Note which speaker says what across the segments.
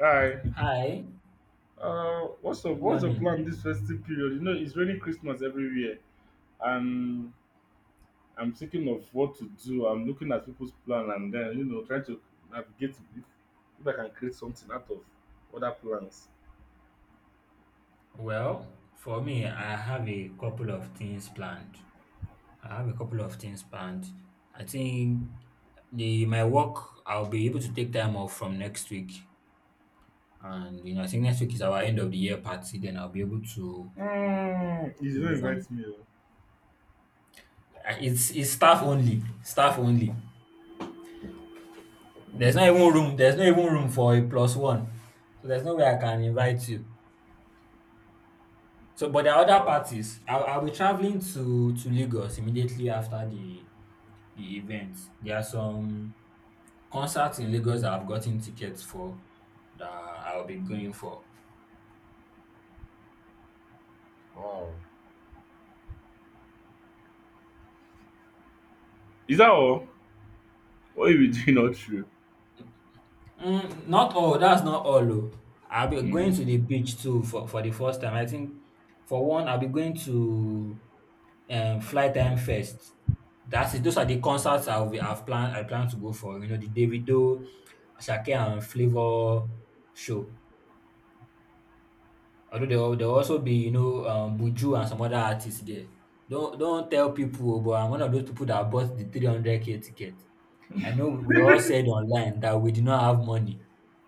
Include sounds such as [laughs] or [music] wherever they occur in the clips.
Speaker 1: Hi.
Speaker 2: Hi,
Speaker 1: What's up?
Speaker 2: good
Speaker 1: What's the plan
Speaker 2: morning.
Speaker 1: this festive period? You know, it's really Christmas everywhere, and I'm thinking of what to do. I'm looking at people's plan, and then you know, trying to navigate if, if I can create something out of other plans.
Speaker 2: Well, for me, I have a couple of things planned. I have a couple of things planned. I think the my work I'll be able to take time off from next week, and you know I think next week is our end of the year party. Then I'll be able
Speaker 1: Mm, you
Speaker 2: to
Speaker 1: didn't
Speaker 2: move on.
Speaker 1: invite me, oh.
Speaker 2: It's staff only, staff only. There's not even room. There's not even room for a plus one. So there's no way I can invite you. So, but there are other
Speaker 1: What?
Speaker 2: parties. I'll be traveling to Lagos immediately after the events. There are some concerts in Lagos that I've gotten tickets for that I'll be going for.
Speaker 1: Oh, is that all? What are you be doing? Not true.
Speaker 2: Not all, that's not all. Oh. I'll be going
Speaker 1: Mm.
Speaker 2: to the beach too for the first time. I think for one, I'll be going to Fly Time Fest. That's it. Those are the concerts I plan to go for. You know, the Davido, Ashake and Flavor show. Although there will also be, you know, Buju and some other artists there. Don't tell people oh, but I'm one of those people that bought the 300k ticket. I know we all said online that we did not have money,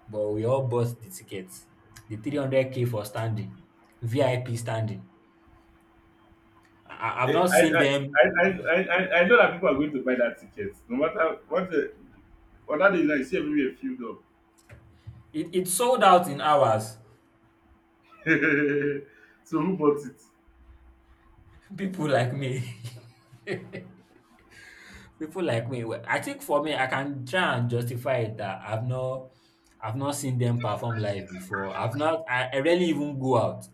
Speaker 2: but we all bought the tickets. The 300k for standing, VIP standing. I've
Speaker 1: Eh,
Speaker 2: not
Speaker 1: I,
Speaker 2: seen
Speaker 1: I,
Speaker 2: them.
Speaker 1: I, I, I, I I know that people are going to buy that ticket. No matter what the other day, now, you see everywhere filled up.
Speaker 2: It sold out in hours.
Speaker 1: [laughs] So who bought it?
Speaker 2: People like me. [laughs] People like me, well, I think for me, I can try and justify it that I've not seen them perform live before. I've not, I rarely even go out.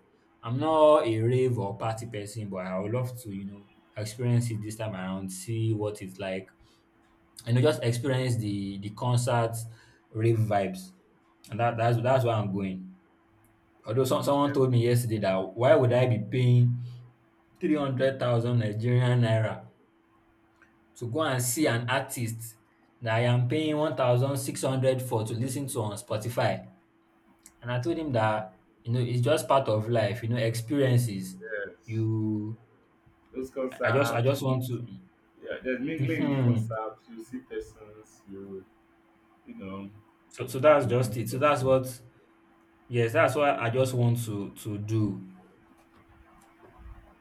Speaker 2: I'm not a rave or party person, but I would love to, you know, experience it this time around, see what it's like, you know, just experience the concert rave vibes, and that's where I'm going. Although someone told me yesterday that why would I be paying 300,000 Nigerian naira to go and see an artist that I am paying 1,600 for to listen to on Spotify. And I told him that, you know, it's just part of life, you know, experiences.
Speaker 1: Yes.
Speaker 2: You,
Speaker 1: Those
Speaker 2: I
Speaker 1: concerts, you
Speaker 2: just want
Speaker 1: meet-
Speaker 2: to.
Speaker 1: yeah, there's mingling in the
Speaker 2: Mhm.
Speaker 1: concert, you see persons, you know,
Speaker 2: So, so
Speaker 1: have a
Speaker 2: that's just
Speaker 1: moment
Speaker 2: it. So
Speaker 1: or
Speaker 2: that's
Speaker 1: so.
Speaker 2: what, yes, that's what I just want to do.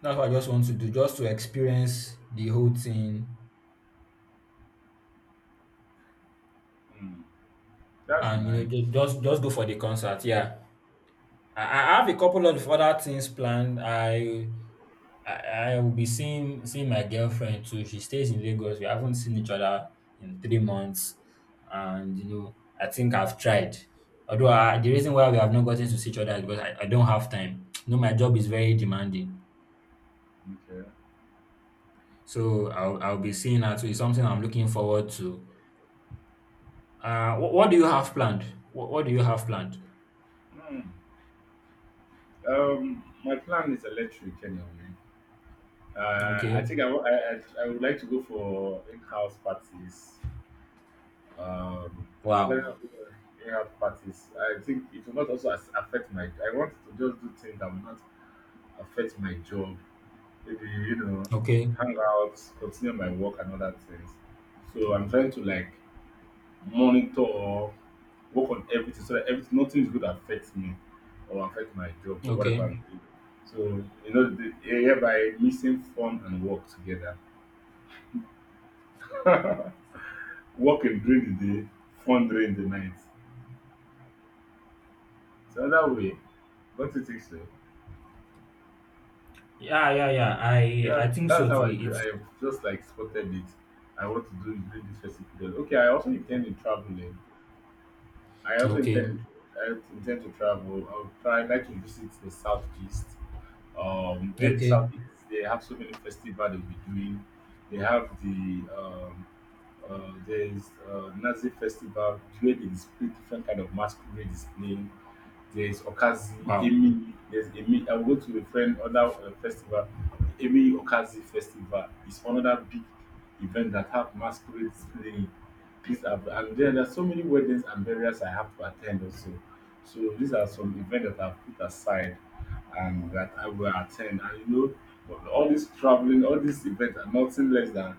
Speaker 2: That's what I just want to do, just to experience the whole thing
Speaker 1: Hmm. That's
Speaker 2: and, you know,
Speaker 1: nice.
Speaker 2: just go for the concert. Yeah. I have a couple of other things planned. I, I will be seeing my girlfriend too. She stays in Lagos. We haven't seen each other in 3 months, and you know, I think I've tried. The reason why we have not gotten to see each other is because I don't have time. You know, my job is very demanding,
Speaker 1: Okay.
Speaker 2: so I'll be seeing her too. It's something I'm looking forward to. What do you have planned? What do you have planned?
Speaker 1: Hmm. My plan is electric anyway. I
Speaker 2: Okay.
Speaker 1: think I would like to go for in-house parties. I'm planning
Speaker 2: Wow.
Speaker 1: on going for in-house parties. I think it will not also as- affect my. I want to just do things that will not affect my job maybe you know
Speaker 2: Okay.
Speaker 1: hang out continue my work and other things so I'm trying to like monitor work on everything so that everything nothing is going to affect me or affect my job or
Speaker 2: Okay.
Speaker 1: whatever I'm doing so you know the hereby mixing fun and work together working during the day fun during the night so that way don't you think so
Speaker 2: Yeah, yeah, yeah. I
Speaker 1: yeah
Speaker 2: think
Speaker 1: that's
Speaker 2: so too.
Speaker 1: how i cre-
Speaker 2: It's
Speaker 1: i just like spotted it I want to do it during this festive period okay I also intend in traveling I also
Speaker 2: okay.
Speaker 1: intend to, I intend to travel. I'll try like to visit the southeast. Where the
Speaker 2: Okay.
Speaker 1: southeast they have so many festivals they'll be doing. They have the there's Nazi festival where they display different kind of masquerade display there's Okazi,
Speaker 2: Wow.
Speaker 1: Emi, there's Emi. I'll go to a friend other festival, Emi Okazi Festival. Is another big event that have masquerades playing. These are, and then there are so many weddings and burials I have to attend also. So these are some events that I've put aside and that I will attend. And you know, all this traveling, all these events are nothing less than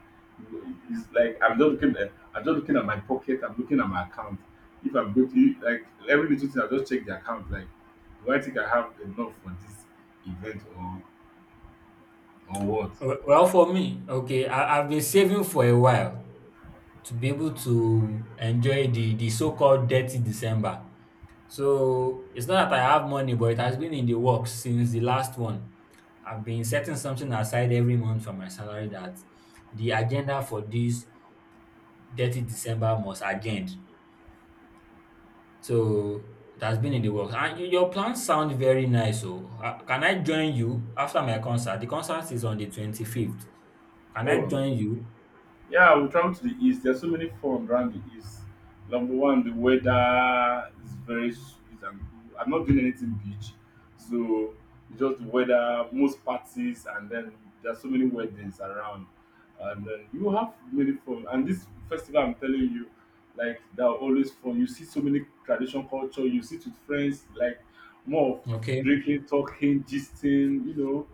Speaker 1: it's like I'm just looking at my pocket, I'm looking at my account if I'm guilty, like every little thing, I'll just check the account. Like, do I think I have enough for this event or what?
Speaker 2: Well, for me, okay, I, I've been saving for a while to be able to enjoy the so called dirty December. So it's not that I have money, but it has been in the works since the last one. I've been setting something aside every month from my salary that the agenda for this dirty December must agenda. So it has been in the works. And you- your plans sound very nice. So can I join you after my concert? The concert is on the 25th. Can I
Speaker 1: Oh,
Speaker 2: join you?
Speaker 1: yeah, we travel to the east. There's so many fun around the east. Number one, the weather is very sweet and cool. I'm not doing anything beach, so just the weather, most parties, and then there's so many weddings around, and then you have many fun. And this festival, I'm telling you, like they're always fun. You see so many traditional culture. You sit with friends, like more of
Speaker 2: Okay.
Speaker 1: drinking, talking, gisting, you know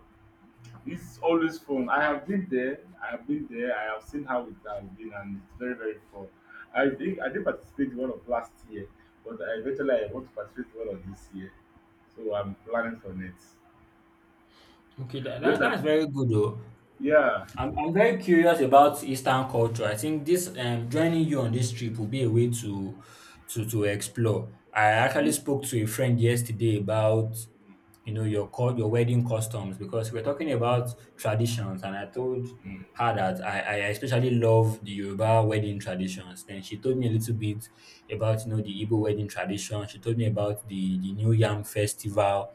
Speaker 1: it's always fun. I have been there. I have been there. I have seen how it has been, and it's very very fun. I think I did participate in one of last year, but I eventually I want to participate in one of this year, so I'm planning for next.
Speaker 2: Okay,
Speaker 1: But just that,
Speaker 2: that's very good though.
Speaker 1: yeah,
Speaker 2: I'm very curious about Eastern culture. I think this joining you on this trip will be a way to explore. I actually spoke to a friend yesterday about you know your wedding customs because we're talking about traditions and I told her that I especially love the Yoruba wedding traditions. Then she told me a little bit about you know the Igbo wedding tradition. She told me about the New Yam festival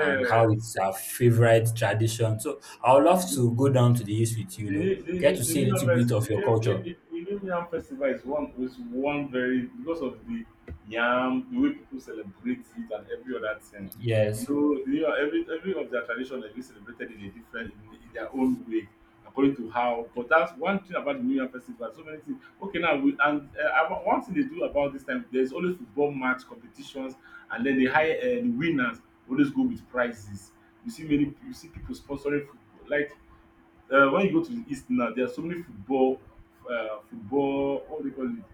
Speaker 2: and how it's our favorite tradition. So I would love to go down to the east with you, you
Speaker 1: the
Speaker 2: know,
Speaker 1: new the
Speaker 2: get
Speaker 1: new
Speaker 2: to
Speaker 1: the
Speaker 2: see a
Speaker 1: new
Speaker 2: little bit
Speaker 1: harvest
Speaker 2: of your culture.
Speaker 1: the new yam festival is one very because of the yam the way people celebrate it and every other thing you
Speaker 2: Yes.
Speaker 1: know the new every of their tradition like dey celebrated in a different in their own way according to how but that's one thing about the new Year festival so many things okay now we and about- one thing they do about this time there's always football match competitions and then they hire the winners always go with prizes you see many you see people sponsoring football like when you go to the East now, there are so many football, football, what do you call it?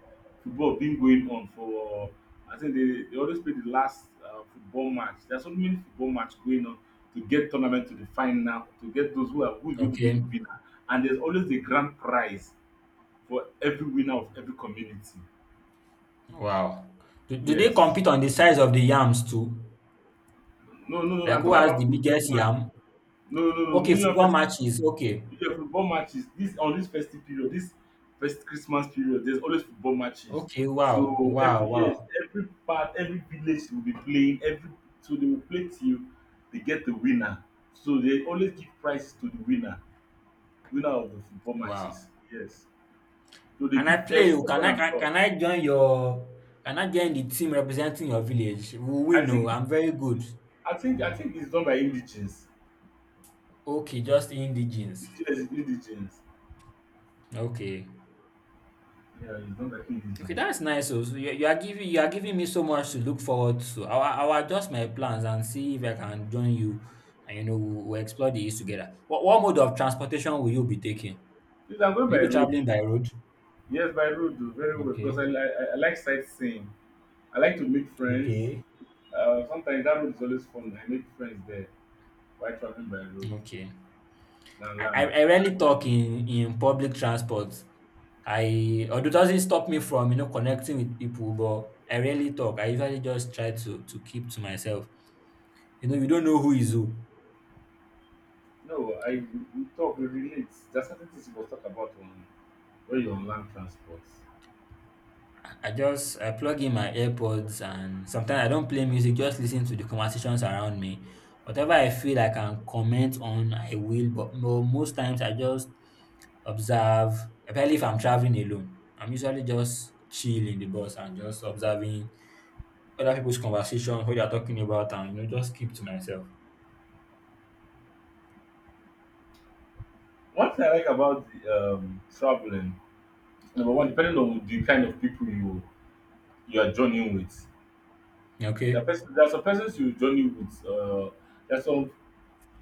Speaker 1: Football been going on for. I think they always play the last football match. There are so many football match going on to get tournament to the final, to get those who are who is going to be the
Speaker 2: Okay.
Speaker 1: winner, and there's always the grand prize for every winner of every community.
Speaker 2: Wow. Do they
Speaker 1: Yes.
Speaker 2: compete on the size of the yams too?
Speaker 1: No, no, no.
Speaker 2: Like
Speaker 1: I'm
Speaker 2: who
Speaker 1: talking
Speaker 2: has the
Speaker 1: about football
Speaker 2: biggest
Speaker 1: match.
Speaker 2: yam?
Speaker 1: No, no, no.
Speaker 2: Okay,
Speaker 1: New Year
Speaker 2: football
Speaker 1: festival.
Speaker 2: matches. Okay.
Speaker 1: Yeah, football matches. This on this festive period, this first Christmas period, there's always football matches.
Speaker 2: Okay. Wow.
Speaker 1: So
Speaker 2: Wow.
Speaker 1: every yes,
Speaker 2: Wow.
Speaker 1: every part, every village will be playing. Every so they will play till they get the winner. So they always give prizes to the winner, winner of the football matches.
Speaker 2: Wow.
Speaker 1: Yes. So they
Speaker 2: And I
Speaker 1: give
Speaker 2: play.
Speaker 1: first,
Speaker 2: Oh, Can
Speaker 1: second,
Speaker 2: I
Speaker 1: and third.
Speaker 2: can I join your can I join the team representing your village? We
Speaker 1: I
Speaker 2: win. Oh,
Speaker 1: think it-
Speaker 2: I'm very good.
Speaker 1: I think it's done by indigents.
Speaker 2: Okay, just indigenes.
Speaker 1: Indigens, indigents.
Speaker 2: Okay.
Speaker 1: Yeah, it's done by
Speaker 2: Okay,
Speaker 1: indigents.
Speaker 2: that's nice. So so you, you are giving me so much to look forward to. I will adjust my plans and see if I can join you, and you know we'll explore the east together. What mode of transportation will you be taking?
Speaker 1: Please, I'm going
Speaker 2: Will you
Speaker 1: by
Speaker 2: be
Speaker 1: road.
Speaker 2: traveling by road?
Speaker 1: Yes, by road, do very well because
Speaker 2: Okay,
Speaker 1: I like sightseeing. I like to make friends.
Speaker 2: okay,
Speaker 1: Sometimes that road is always fun. I make friends there while traveling by road
Speaker 2: okay.
Speaker 1: than
Speaker 2: I,
Speaker 1: land.
Speaker 2: I I rarely
Speaker 1: Than-
Speaker 2: talk in public transport. I Although it doesn't stop me from you know connecting with people, but I rarely talk. I usually just try to keep to myself. You know, you don't know who is who.
Speaker 1: No, I we talk, we relate. There's certain things you must talk about on when you're on land transport.
Speaker 2: I plug in my AirPods and sometimes I don't play music, just listen to the conversations around me. Whatever I feel I can comment on, I will, but most times I just observe, especially if I'm traveling alone. I'm usually just chill in the bus and just observing other people's conversations, what they're talking about, and you know, just keep to myself.
Speaker 1: One thing I like about the, traveling, number one, depending on the kind of people you are joining with. There are,
Speaker 2: Okay,
Speaker 1: person, there are some persons you journey with. There are some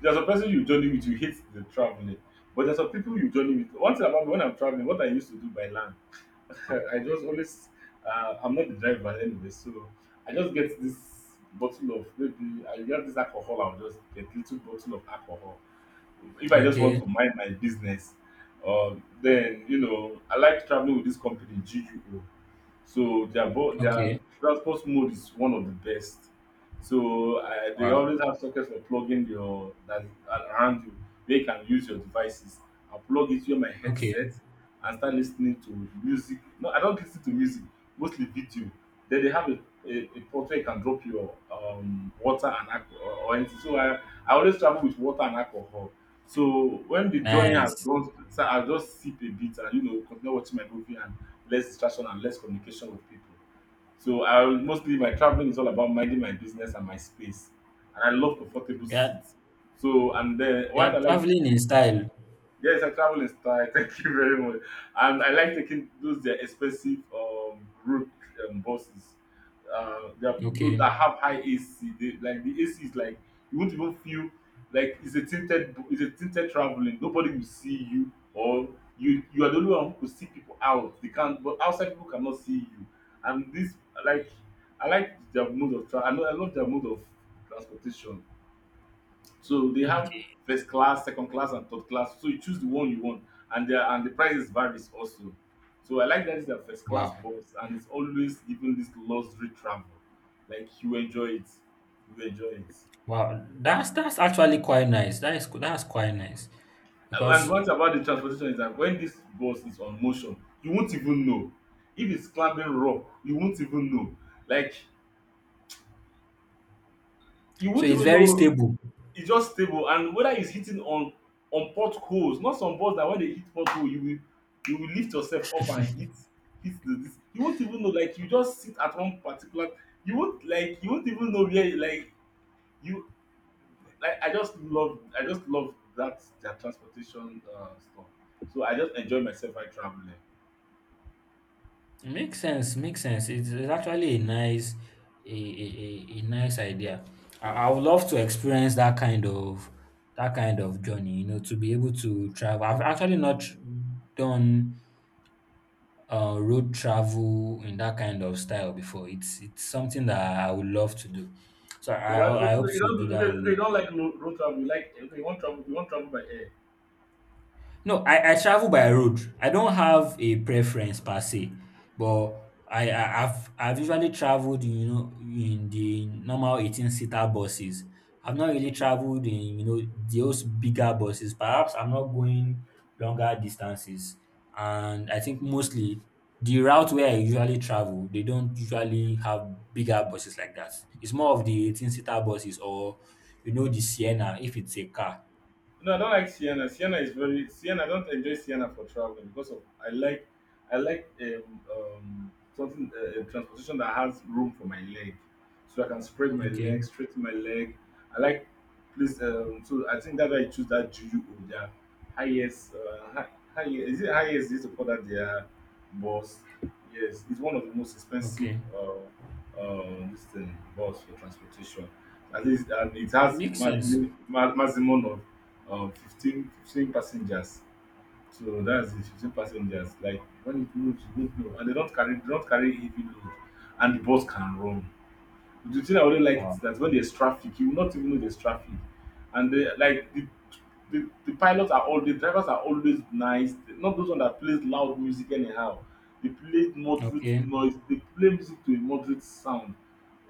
Speaker 1: There's a person you journey with, you hate the traveling. But there's some people you journey with. One thing about me, when I'm traveling, what I used to do by land, [laughs] I just always, I'm not the driver anyway, so I just get this bottle of maybe I get this alcohol. I'll just get little bottle of alcohol if I just want
Speaker 2: okay,
Speaker 1: to mind my business. Then you know, I like traveling with this company GUO. So their bo-
Speaker 2: okay.
Speaker 1: their transport mode is one of the best. So they
Speaker 2: Wow,
Speaker 1: always have sockets for plugging your that around you where you can use your devices. I plug it with my
Speaker 2: okay,
Speaker 1: headset and start listening to music. No, I don't listen to music, mostly video. Then they have a port where you can drop your water and alcohol or anything. I always travel with water and alcohol. So when the journey has
Speaker 2: nice.
Speaker 1: gone, so I'll just sip a bit and you know continue watching my movie and less distraction and less communication with people. So I will- mostly my traveling is all about minding my business and my space, and I love comfortable
Speaker 2: Yeah,
Speaker 1: seats. So and then
Speaker 2: they are
Speaker 1: what I like
Speaker 2: traveling in style.
Speaker 1: yes, I travel in style. [laughs] Thank you very much. And I like taking those they're expensive route buses. They are, those
Speaker 2: Okay,
Speaker 1: that have high AC. They, like the AC is like you won't even feel like it's a tinted traveling. Nobody will see you or you are the only one who could see people out. They can't but outside people cannot see you. And this like I like their mode of travel. I love their mode of transportation. So they have
Speaker 2: okay.
Speaker 1: first class, second class, and third class. So you choose the one you want, and the prices varies also. So I like that it's a first class
Speaker 2: Wow.
Speaker 1: bus, and it's always giving this luxury travel. Like you enjoy it, you enjoy it.
Speaker 2: Wow, that's actually quite nice. That is that's quite nice
Speaker 1: And
Speaker 2: because
Speaker 1: what about the transportation is that when this bus is on motion, you won't even know. If it's climbing rock, you won't even know. Like you
Speaker 2: so
Speaker 1: won't
Speaker 2: it's
Speaker 1: even
Speaker 2: very
Speaker 1: know
Speaker 2: stable.
Speaker 1: it's just stable and whether it's hitting on potholes, not some balls that when they hit pothole you will lift yourself up and hit the this. You won't even know like you just sit at one particular you won't like you won't even know where you like I just love that their transportation stuff. So I just enjoy myself while traveling.
Speaker 2: Makes sense. Makes sense. It's actually a nice a nice idea. I would love to experience that kind of journey. You know, to be able to travel. I've actually not done road travel in that kind of style before. It's something that I would love to do. So
Speaker 1: Oh, I, oh,
Speaker 2: I hope
Speaker 1: you
Speaker 2: to do that
Speaker 1: don't
Speaker 2: with.
Speaker 1: they don't like road travel. You like okay, you want travel by air.
Speaker 2: No, I travel by road. I don't have a preference per se, but I've usually traveled, in, you know, in the normal 18-seater buses. I've not really traveled in, you know, those bigger buses. Perhaps I'm not going longer distances. And I think mostly the route where I usually travel, they don't usually have bigger buses like that. It's more of the 18-seater buses or, you know, the Sienna if it's a car.
Speaker 1: No, I don't like Sienna. Sienna is very Sienna. I don't enjoy Sienna for traveling because of I like I like something a transportation that has room for my leg, so I can spread my leg,
Speaker 2: Okay.
Speaker 1: straighten my leg. I like please. So I think that's why I choose that Juju Oja. Highest, high, is it highest? Is to call that their bus? Yes, it's one of the most expensive
Speaker 2: Okay.
Speaker 1: this thing, bus for transportation. At least, and it has
Speaker 2: Makes sense.
Speaker 1: maximum of fifteen passengers, so that's it, 15 passengers. Like when it moves you don't know, and they don't carry, they don't carry heavy load, and the bus can run. The thing I really like is
Speaker 2: Wow.
Speaker 1: that when there's traffic you will not even know there's traffic. And they like the pilots are all, the drivers are always nice, not those one that plays loud music anyhow. They play moderate
Speaker 2: Okay.
Speaker 1: noise, they play music to a moderate sound,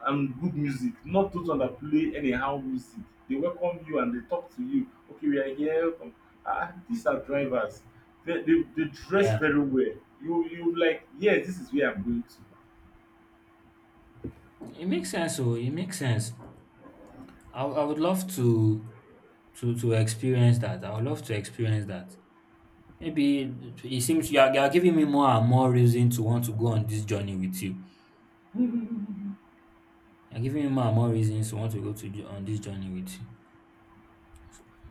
Speaker 1: and good music, not those one that play anyhow music. They welcome you and they talk to you, okay, we are here from, ah, these are drivers. They dress
Speaker 2: Yeah.
Speaker 1: very well. You like, yes, this is where I'm going to.
Speaker 2: It makes sense. So it makes sense. I would love to experience that. I would love to experience that. Maybe it seems You are, you are giving me more and more reason to want to go on this journey with you.
Speaker 1: [laughs]
Speaker 2: You're giving me more and more reasons to want to go to on this journey with you.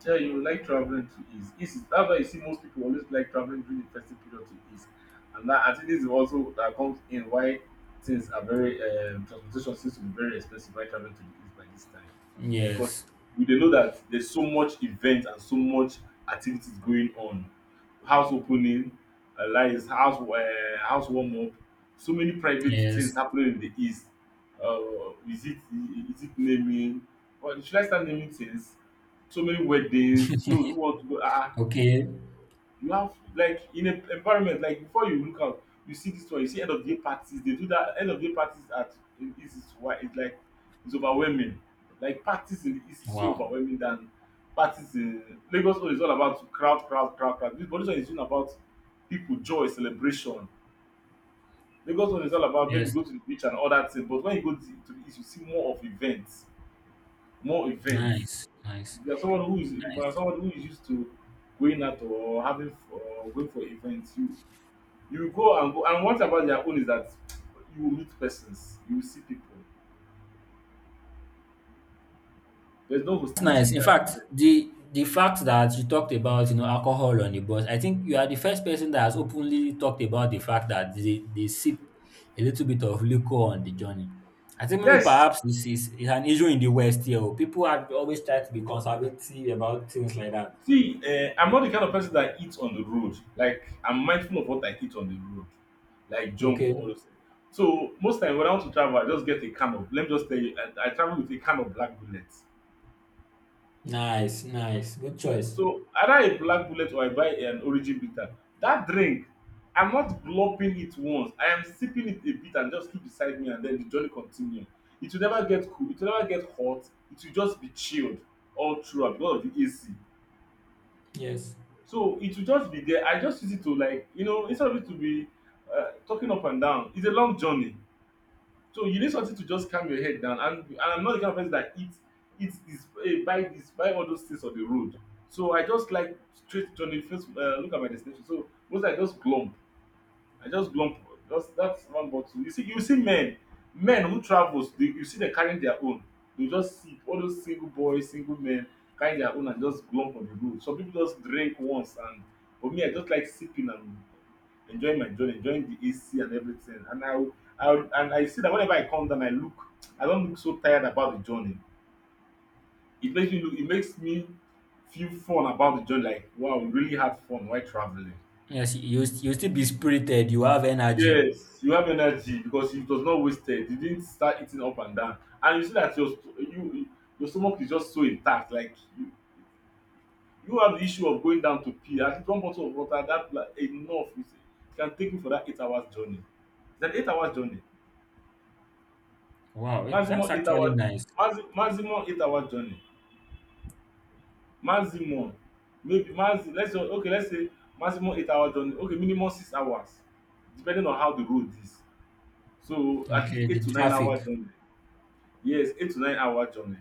Speaker 1: Yeah, you like traveling to east, east is, that's why you see most people always like traveling during the festive period to east. And that, I think this is also that comes in why things are very, transportation seems to be very expensive while traveling to the east by this time, because
Speaker 2: Yes.
Speaker 1: we dey know that there's so much event and so much activities going on. House opening, lights, house warm up, so many private things
Speaker 2: Yes.
Speaker 1: happening in the east. Uh, is it is it naming? Or should I start naming things? So many weddings. Those who want to go, ah,
Speaker 2: Okay.
Speaker 1: you have, like in a environment, like before you look out you see this one, you see end of day parties. They do that end of day parties at, in east is why it's like, it's overwhelming. Like parties in the east is so
Speaker 2: Wow.
Speaker 1: overwhelming than parties in Lagos. Own is all about crowd, crowd, crowd, crowd. This, but dis one is all about people, joy, celebration. Lagos one is all about maybe
Speaker 2: Yes.
Speaker 1: go to the beach and all that thing. But when you go to the east you see more of events, more events.
Speaker 2: Nice. Nice.
Speaker 1: If you are someone who is, if you are
Speaker 2: Nice.
Speaker 1: someone who is used to going out or having or going for events, you go and go. And what about their own is that you will meet persons, you will see people. There's no
Speaker 2: That's
Speaker 1: hostility
Speaker 2: nice.
Speaker 1: in
Speaker 2: In
Speaker 1: there.
Speaker 2: fact, the fact that you talked about, you know, alcohol on the bus, I think you are the first person that has openly talked about the fact that they sip a little bit of liquor on the journey. I think maybe
Speaker 1: Yes.
Speaker 2: perhaps this is an issue in the West here. Oh. People are always try to be conservative about things like that.
Speaker 1: See, I'm not the kind of person that eats on the road. Like I'm mindful of what I eat on the road, like junk or
Speaker 2: Okay.
Speaker 1: all those things. So most time when I want to travel, I just get a can of, let me just tell you, I travel with a can of black bullet.
Speaker 2: Nice, nice. Good choice.
Speaker 1: So either a black bullet or I buy an origin bitter. That drink, I'm not gulping it once. I am sipping it a bit and just keep beside me, and then the journey continue. It will never get cool, it will never get hot, it will just be chilled all throughout because of the AC.
Speaker 2: Yes.
Speaker 1: So it will just be there. I just use it to, like, you know, instead of it to be talking up and down, it's a long journey. So you need something to just calm your head down. And I'm not the kind of person that eats, eats this, eh, buy this, buy all those things on the road. So I just like straight to the first, look at my destination. So once I just glump, I just glump, just that's one bottle. You see, you see men, men who travels dey, you see dem carrying their own. They just sip all those single boys, single men carrying their own and just glump on the road. Some people just drink once, and for me I just like sipping and enjoying my journey, enjoying the AC and everything, and I will and I see that whenever I come down I look, I don't look so tired about the journey. It makes me look, it makes me feel fun about the journey, like wow, we really had fun while travelling.
Speaker 2: Yes, you still be spirited. You have energy.
Speaker 1: Yes, you have energy because it was not wasted. You didn't start eating up and down. And you see that your sto you your stomach is just so intact, like you don't have the issue of going down to pee. At least one bottle of water that, like enough is, can take you for that 8 hours journey. It's an 8 hours journey.
Speaker 2: Wow, that's
Speaker 1: Maximum eight
Speaker 2: actually
Speaker 1: hours
Speaker 2: nice.
Speaker 1: maximum 8 hours journey. Maximum maybe maxi let's just, okay, let's say maximum 8 hours journey, okay, minimum 6 hours, depending on how the road is. So at least
Speaker 2: Okay, the
Speaker 1: eight to nine
Speaker 2: traffic.
Speaker 1: hour journey. Yes, 8 to 9 hour journey.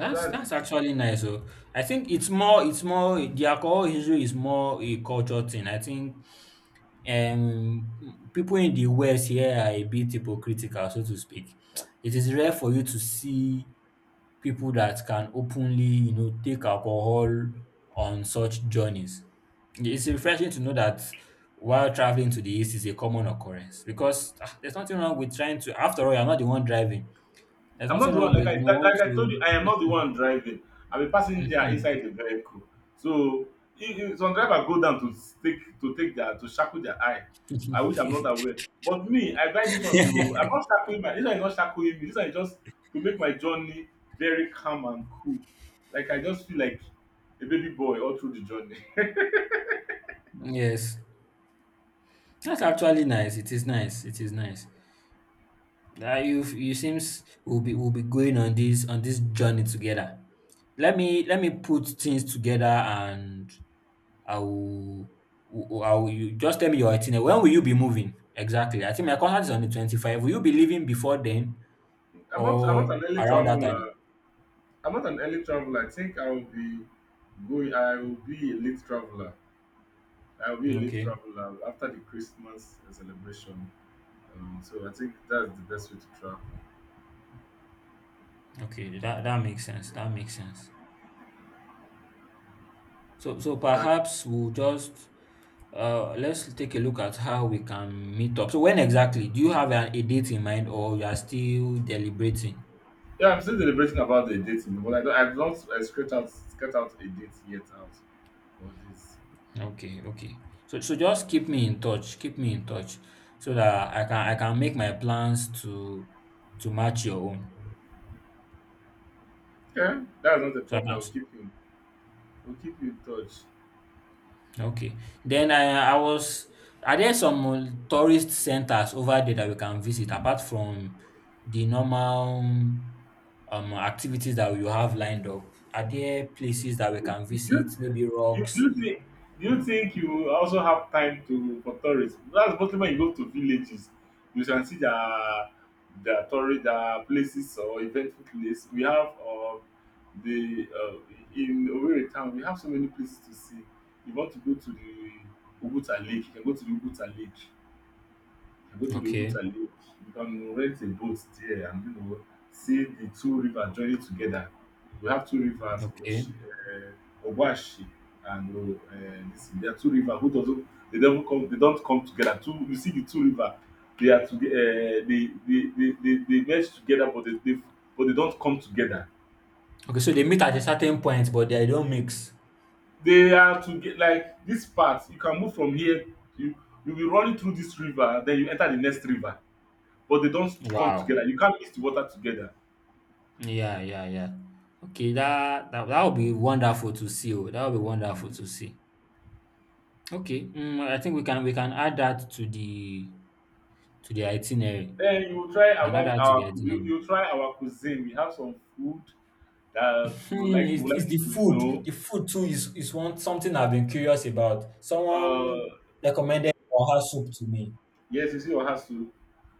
Speaker 1: So that's it.
Speaker 2: That's actually nice. So I think it's more the alcohol issue is more a culture thing. I think um people in the West here are a bit hypocritical, so to speak. It is rare for you to see people that can openly, you know, take alcohol on such journeys. It's refreshing to know that while traveling to the East is a common occurrence because ah, there's nothing wrong with trying to. After all, you're not the one driving. There's
Speaker 1: I'm not
Speaker 2: nothing
Speaker 1: the
Speaker 2: wrong
Speaker 1: one, like
Speaker 2: with
Speaker 1: I,
Speaker 2: no
Speaker 1: like,
Speaker 2: one
Speaker 1: like I told you, I
Speaker 2: to.
Speaker 1: am not the one driving. I'm a passenger
Speaker 2: Mhm.
Speaker 1: inside the vehicle. So if some driver go down to take, to take their, to shackle their eye, I wish I'm not
Speaker 2: [laughs]
Speaker 1: aware. But me, I buy this one to, I'm
Speaker 2: [laughs]
Speaker 1: not shackling my, this one is not shackling me. This one is just to make my journey very calm and cool. Like I just feel like a baby boy all through the journey.
Speaker 2: Yes, that's actually nice. It is nice. It is nice. You seems we'll be going on this journey together. Let me put things together and I will I will, you just tell me your itinerary. When will you be moving exactly? I think my contract is on the 25th. Will you be leaving before then
Speaker 1: [laughs] I'm not
Speaker 2: or
Speaker 1: an early
Speaker 2: around that time?
Speaker 1: traveler. I'm not an early traveler. I think I will be going. I will be a late traveler. I will be a late
Speaker 2: Okay,
Speaker 1: traveler after the Christmas celebration. So I think that's the best way to travel.
Speaker 2: okay, that makes sense. That makes sense. So so
Speaker 1: So,
Speaker 2: perhaps we'll just uh, let's take a look at how we can meet up. So when exactly? Do you have a date in mind or you are still deliberating?
Speaker 1: yeah, I'm still deliberating about the date, you know, but I don't, I've not scratched out a date yet out for this.
Speaker 2: Okay, okay. So just keep me in touch. Keep me in touch so that I can make my plans to match your own.
Speaker 1: Okay, that's not a
Speaker 2: So I
Speaker 1: problem.
Speaker 2: can.
Speaker 1: We'll keep you. We'll keep you in touch.
Speaker 2: Okay. Then I was are there some tourist centers over there that we can visit apart from the normal activities that you have lined up? Are there places that we
Speaker 1: you
Speaker 2: can visit, maybe
Speaker 1: you you
Speaker 2: rocks?
Speaker 1: you think you think you also have time to, for tourism. That's mostly when you go to villages you can see the tourist their places or eventful place. We have the in Owerri town we have so many places to see. You want to go to the Oguta Lake, you can go to the Oguta Lake. I go to the
Speaker 2: Okay.
Speaker 1: water lake, you can rent a boat there, and you know, see the two rivers joining together. We have two rivers,
Speaker 2: Okay.
Speaker 1: Oshi, Ogwashi, and this, there are two rivers who doesn't, they don't come together. Two, you see the two rivers, they are toge they merge together, but they but they don't come together.
Speaker 2: Okay, so they meet at a certain point, but they don't mix.
Speaker 1: They are to get like this part, you can move from here, you you be running through this river then you enter the next river, but they don't come together,
Speaker 2: Wow.
Speaker 1: you can't mix the water together.
Speaker 2: Yeah, yeah, yeah. Okay, that would be wonderful to see. Oh, that would be wonderful
Speaker 1: Mm.
Speaker 2: to see. Okay. Mm, I think we can add that to the itinerary.
Speaker 1: Then you will try
Speaker 2: Canada
Speaker 1: about
Speaker 2: actually, I
Speaker 1: our,
Speaker 2: didn't
Speaker 1: you
Speaker 2: know.
Speaker 1: try our cuisine. We have some food that you would
Speaker 2: Hmm,
Speaker 1: like, you would
Speaker 2: it's
Speaker 1: like
Speaker 2: the
Speaker 1: you to
Speaker 2: food.
Speaker 1: know.
Speaker 2: The food too is one something I've been curious about. Someone
Speaker 1: Uh,
Speaker 2: recommended oha soup to me.
Speaker 1: yes, you see Ohasu.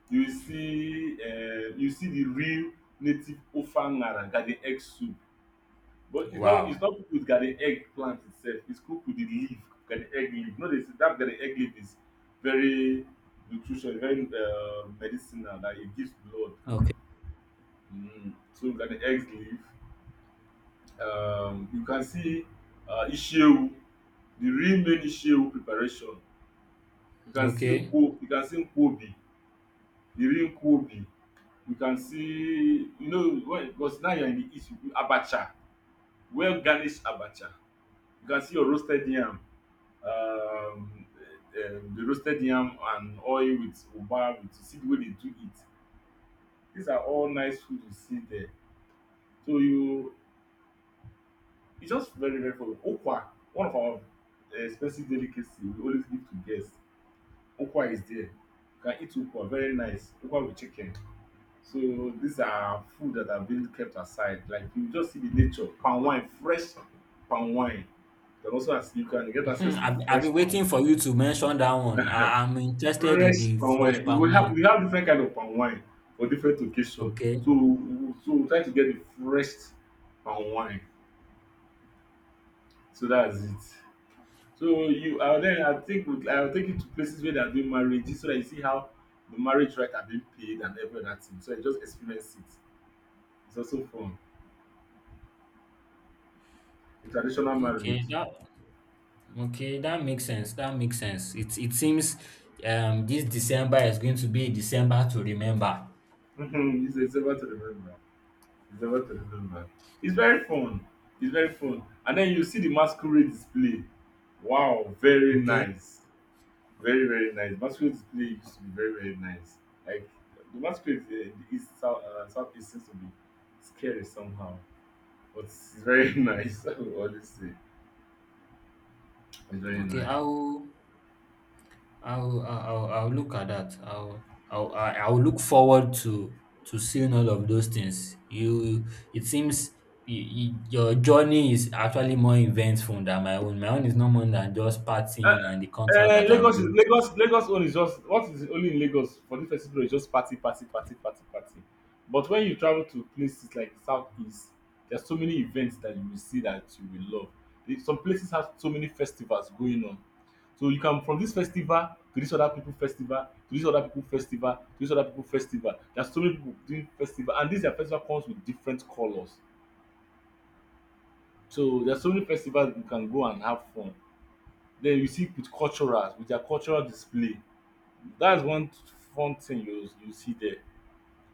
Speaker 1: You see the real native ofangara garden egg soup. But it's not, it's
Speaker 2: Wow.
Speaker 1: not cooked with garden egg plant itself. It's cooked with the leaf, garden egg leaf. No, they say that garden egg leaf is very nutrition, very medicinal. That it gives blood.
Speaker 2: Okay.
Speaker 1: Mm. So garden egg leaf, you can see Ishewu, the real main Ishewu preparation. You can see
Speaker 2: Okay.
Speaker 1: Nkwo, you can see Nkwobi, the real Nkwobi. You can see, you know, when, because now you're in the east, you- do Abacha, well garnished Abacha. You can see your roasted yam, um, um, the roasted yam and oil with uba, with, you see the way they do it. These are all nice food you see there. So you, it's just very, very for Okwa, one of our expensive delicacy we always give to guests. Ukwa is there. You can eat ukwa, very nice. Ukwa with chicken. So these are food that have been kept aside. Like you just see the nature, palm wine, fresh palm wine. Then also as you can get access
Speaker 2: Mhm.
Speaker 1: to
Speaker 2: I've
Speaker 1: fresh
Speaker 2: been
Speaker 1: palm wine.
Speaker 2: waiting for you to mention that one. I'm interested in
Speaker 1: Fresh
Speaker 2: the
Speaker 1: palm
Speaker 2: fresh
Speaker 1: wine.
Speaker 2: palm
Speaker 1: We have we
Speaker 2: wine.
Speaker 1: have different kind of palm wine for different occasion.
Speaker 2: Okay.
Speaker 1: So so we try to get the fresh palm wine. So that's it. So you, then I think we, I will take you to places where they are doing marriages so that you see how the marriage right are being paid and every other thing. So you just experience it. It's also fun. A traditional marriage.
Speaker 2: Okay. That okay. That makes sense. That makes sense. It seems this December is going to be a December to remember.
Speaker 1: [laughs] It's ever to remember. It's ever to remember. It's very fun. It's very fun. And then you see the masquerade display. Wow, very
Speaker 2: Okay.
Speaker 1: nice. Very, very nice. Masquerade display used to be very, very nice. Like the masquerade, is South, Southeast seems to be scary somehow, but it's very [laughs] nice. I would always say it's very
Speaker 2: Okay.
Speaker 1: nice.
Speaker 2: I will I'll look at that. I'll look forward to seeing all of those things. You, it seems y y your journey is actually more eventful than my own. My own is no more than just
Speaker 1: Uh,
Speaker 2: partying and the concert that I'm
Speaker 1: Lagos is
Speaker 2: going to.
Speaker 1: Lagos, Lagos own is just, what is only in Lagos for this festival is just party, party, party, party, party. But when you travel to places like the southeast, there's so many events that you will see that you will love. Eh, some places have so many festivals going on. So you can from this festival to this other people festival to this other people festival to this other people festival. There's so many people doing festival and this their festival comes with different colours. So there's so many festivals you can go and have fun. Then you see with culturals, with their cultural display. That's one fun thing you see there.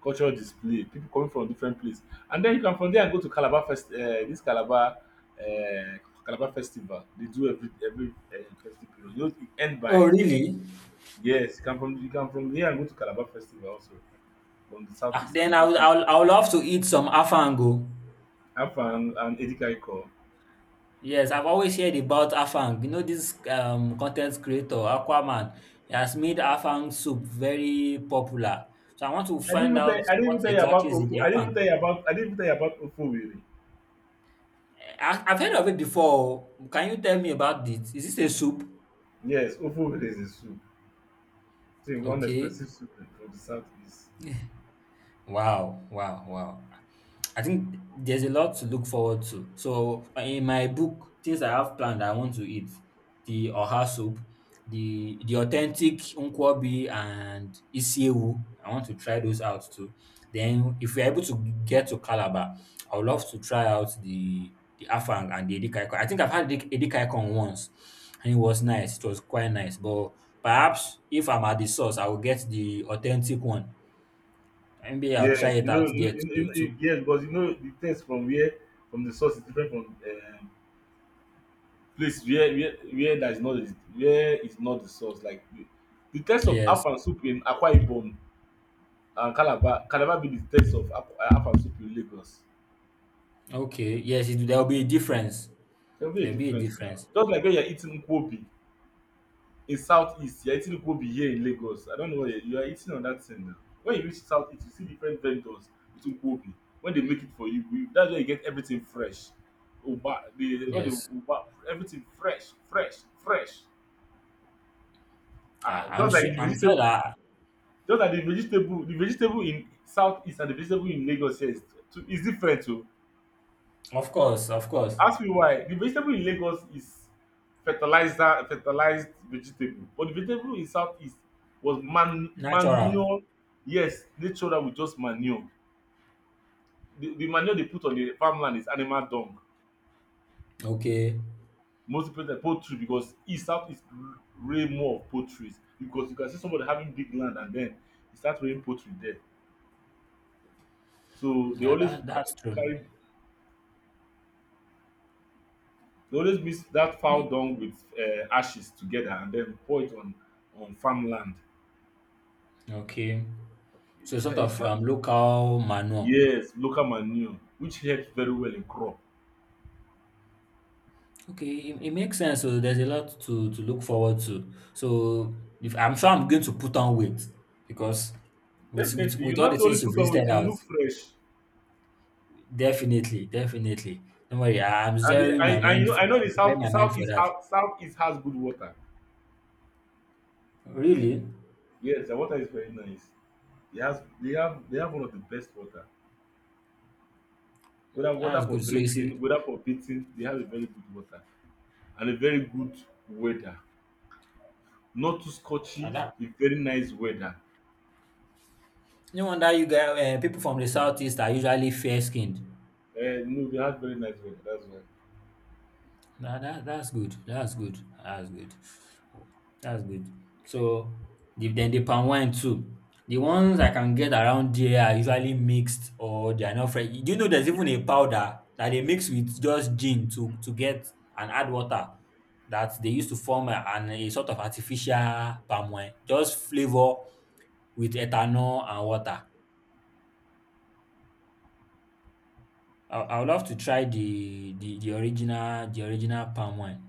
Speaker 1: Cultural display, people coming from different place. And then you can from there go to Calabar Fest, this Calabar, um Calabar festival. They do every festive. You know e end
Speaker 2: Oh,
Speaker 1: by
Speaker 2: really?
Speaker 1: yes, you can from there and go to Calabar festival also from the
Speaker 2: Ah,
Speaker 1: southeast
Speaker 2: then
Speaker 1: and just move
Speaker 2: I'll
Speaker 1: to
Speaker 2: love to eat some afango.
Speaker 1: and educate.
Speaker 2: Yes, I've always heard about Afang. You know this content creator, Aquaman, he has made Afang soup very popular. So I want to find out
Speaker 1: I didn't
Speaker 2: what
Speaker 1: even tell you
Speaker 2: exactly
Speaker 1: about
Speaker 2: is in the
Speaker 1: Ofu.
Speaker 2: Afang.
Speaker 1: I didn't even tell you about Ofuwere.
Speaker 2: Eh, I've heard of it before. Can you tell me about it? Is this a soup?
Speaker 1: Yes, Ofuwere is a soup. So one
Speaker 2: Okay.
Speaker 1: expensive soup from the southeast.
Speaker 2: Wow, wow, wow. I think there's a lot to look forward to. So in my book, things I have planned I want to eat, the oha soup, the authentic nkwobi and isiewu. I want to try those out too. Then if we're able to get to Calabar, I would love to try out the afang and the edikaikong. I think I've had edikaikong once and it was nice. It was quite nice. But perhaps if I'm at the source, I will get the authentic one and maybe I'll try
Speaker 1: Yes,
Speaker 2: it
Speaker 1: you
Speaker 2: out
Speaker 1: know,
Speaker 2: there too. too.
Speaker 1: yes, because you know the taste from where from the source is different from place where that is not where is not the source. Like the taste of
Speaker 2: Yes.
Speaker 1: afan soup in Akwa Ibom and Calabar can never be the taste of afan soup in Lagos.
Speaker 2: Okay. Yes, there'll be a difference.
Speaker 1: There'll be a
Speaker 2: There'll be a
Speaker 1: difference now.
Speaker 2: difference.
Speaker 1: Just like when you're eating nkwobi, in southeast you're eating ukobi here in Lagos. I don't know where you are eating on that thing now. When you reach southeast, you see different vendors with ukobi. When they make it for you, that's where you get everything fresh. Uba, they got the
Speaker 2: Yes.
Speaker 1: uba, everything fresh, fresh, fresh. Ah,
Speaker 2: Ah, I'm
Speaker 1: just
Speaker 2: sure.
Speaker 1: like the
Speaker 2: I'm sure
Speaker 1: vegetable,
Speaker 2: that.
Speaker 1: just like the vegetable in southeast and the vegetable in Lagos here is different too.
Speaker 2: Of course. Of course.
Speaker 1: Ask me why. The vegetable in Lagos is fertilized vegetable, but the vegetable in Southeast was
Speaker 2: Natural.
Speaker 1: manure. Yes, nature that with just manure. The manure they put on the farmland is animal dung.
Speaker 2: Okay.
Speaker 1: Most people like poultry because east southeast rain more of poultry because you can see somebody having big land and then e start rain poultry there. So they
Speaker 2: Yeah,
Speaker 1: always
Speaker 2: that's true.
Speaker 1: carry, they always mix that fowl
Speaker 2: Mm.
Speaker 1: dung with ashes together and then pour it on farmland.
Speaker 2: Okay. So sort
Speaker 1: It
Speaker 2: of
Speaker 1: help.
Speaker 2: local manure.
Speaker 1: Yes, local manure, which helps very well in crop.
Speaker 2: Okay, it makes sense. So there's a lot to look forward to. So if I'm sure I'm going to put on weight because
Speaker 1: Definitely, you
Speaker 2: with all the
Speaker 1: not only
Speaker 2: things you've
Speaker 1: put on
Speaker 2: listed
Speaker 1: weight, you
Speaker 2: out.
Speaker 1: look fresh.
Speaker 2: Definitely, definitely. Don't worry,
Speaker 1: And the, I know
Speaker 2: I'm
Speaker 1: the
Speaker 2: preparing
Speaker 1: south,
Speaker 2: my mind for that.
Speaker 1: south east has good water.
Speaker 2: Really?
Speaker 1: Yes, the water is very nice. They have one of the best water. Whether water
Speaker 2: That's
Speaker 1: for
Speaker 2: good. So it's
Speaker 1: drinking, whether for bathing, they have a very good water and a very good weather. Not too
Speaker 2: uh,
Speaker 1: scorchy,
Speaker 2: that.
Speaker 1: a very nice weather.
Speaker 2: No wonder you guys, people from the southeast are usually fair skinned.
Speaker 1: No, they have very nice weather. That's why.
Speaker 2: That's good. That's good. That's good. That's good. So then the palm wine too. The ones I can get around there are usually mixed or they are not fresh. Do you know there's even a powder that they mix with just gin to get and add water that they used to form a sort of artificial palm wine, just flavor with ethanol and water. I would love to try the original palm wine.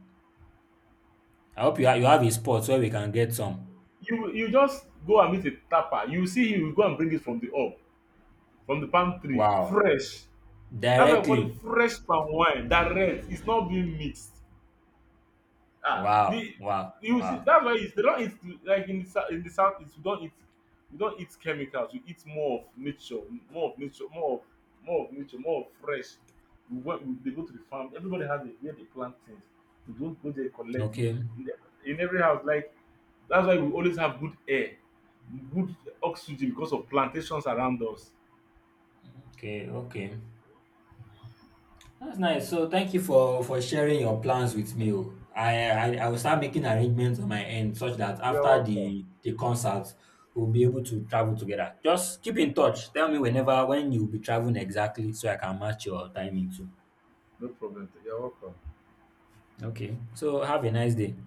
Speaker 2: I hope you you have a spot where we can get some.
Speaker 1: You just go and meet a tapper. You see him, you go and bring it from the hub, from the palm tree,
Speaker 2: Wow.
Speaker 1: fresh. That's why I call it
Speaker 2: Directly.
Speaker 1: fresh palm wine. That red is not being mixed. Ah,
Speaker 2: Wow.
Speaker 1: the
Speaker 2: Wow.
Speaker 1: you see
Speaker 2: Wow.
Speaker 1: that's why they don't eat like in the in the south. It's, we don't eat chemicals. We eat more of nature, more of nature, more of nature, more of fresh. They go to the farm. Everybody has it where they plant things. We don't go there and collect it.
Speaker 2: Okay.
Speaker 1: In, the, in every house, like that's why we always have good air, good oxygen because of plantations around us.
Speaker 2: Okay. Okay. That's nice. So thank you for sharing your plans with me. Oh. I will start making arrangements on my end such that
Speaker 1: You're
Speaker 2: after
Speaker 1: welcome.
Speaker 2: the concert we'll be able to travel together. Just keep in touch. Tell me whenever when you'll be traveling exactly so I can match your timing too.
Speaker 1: No problem. You're welcome.
Speaker 2: Okay. So have a nice day.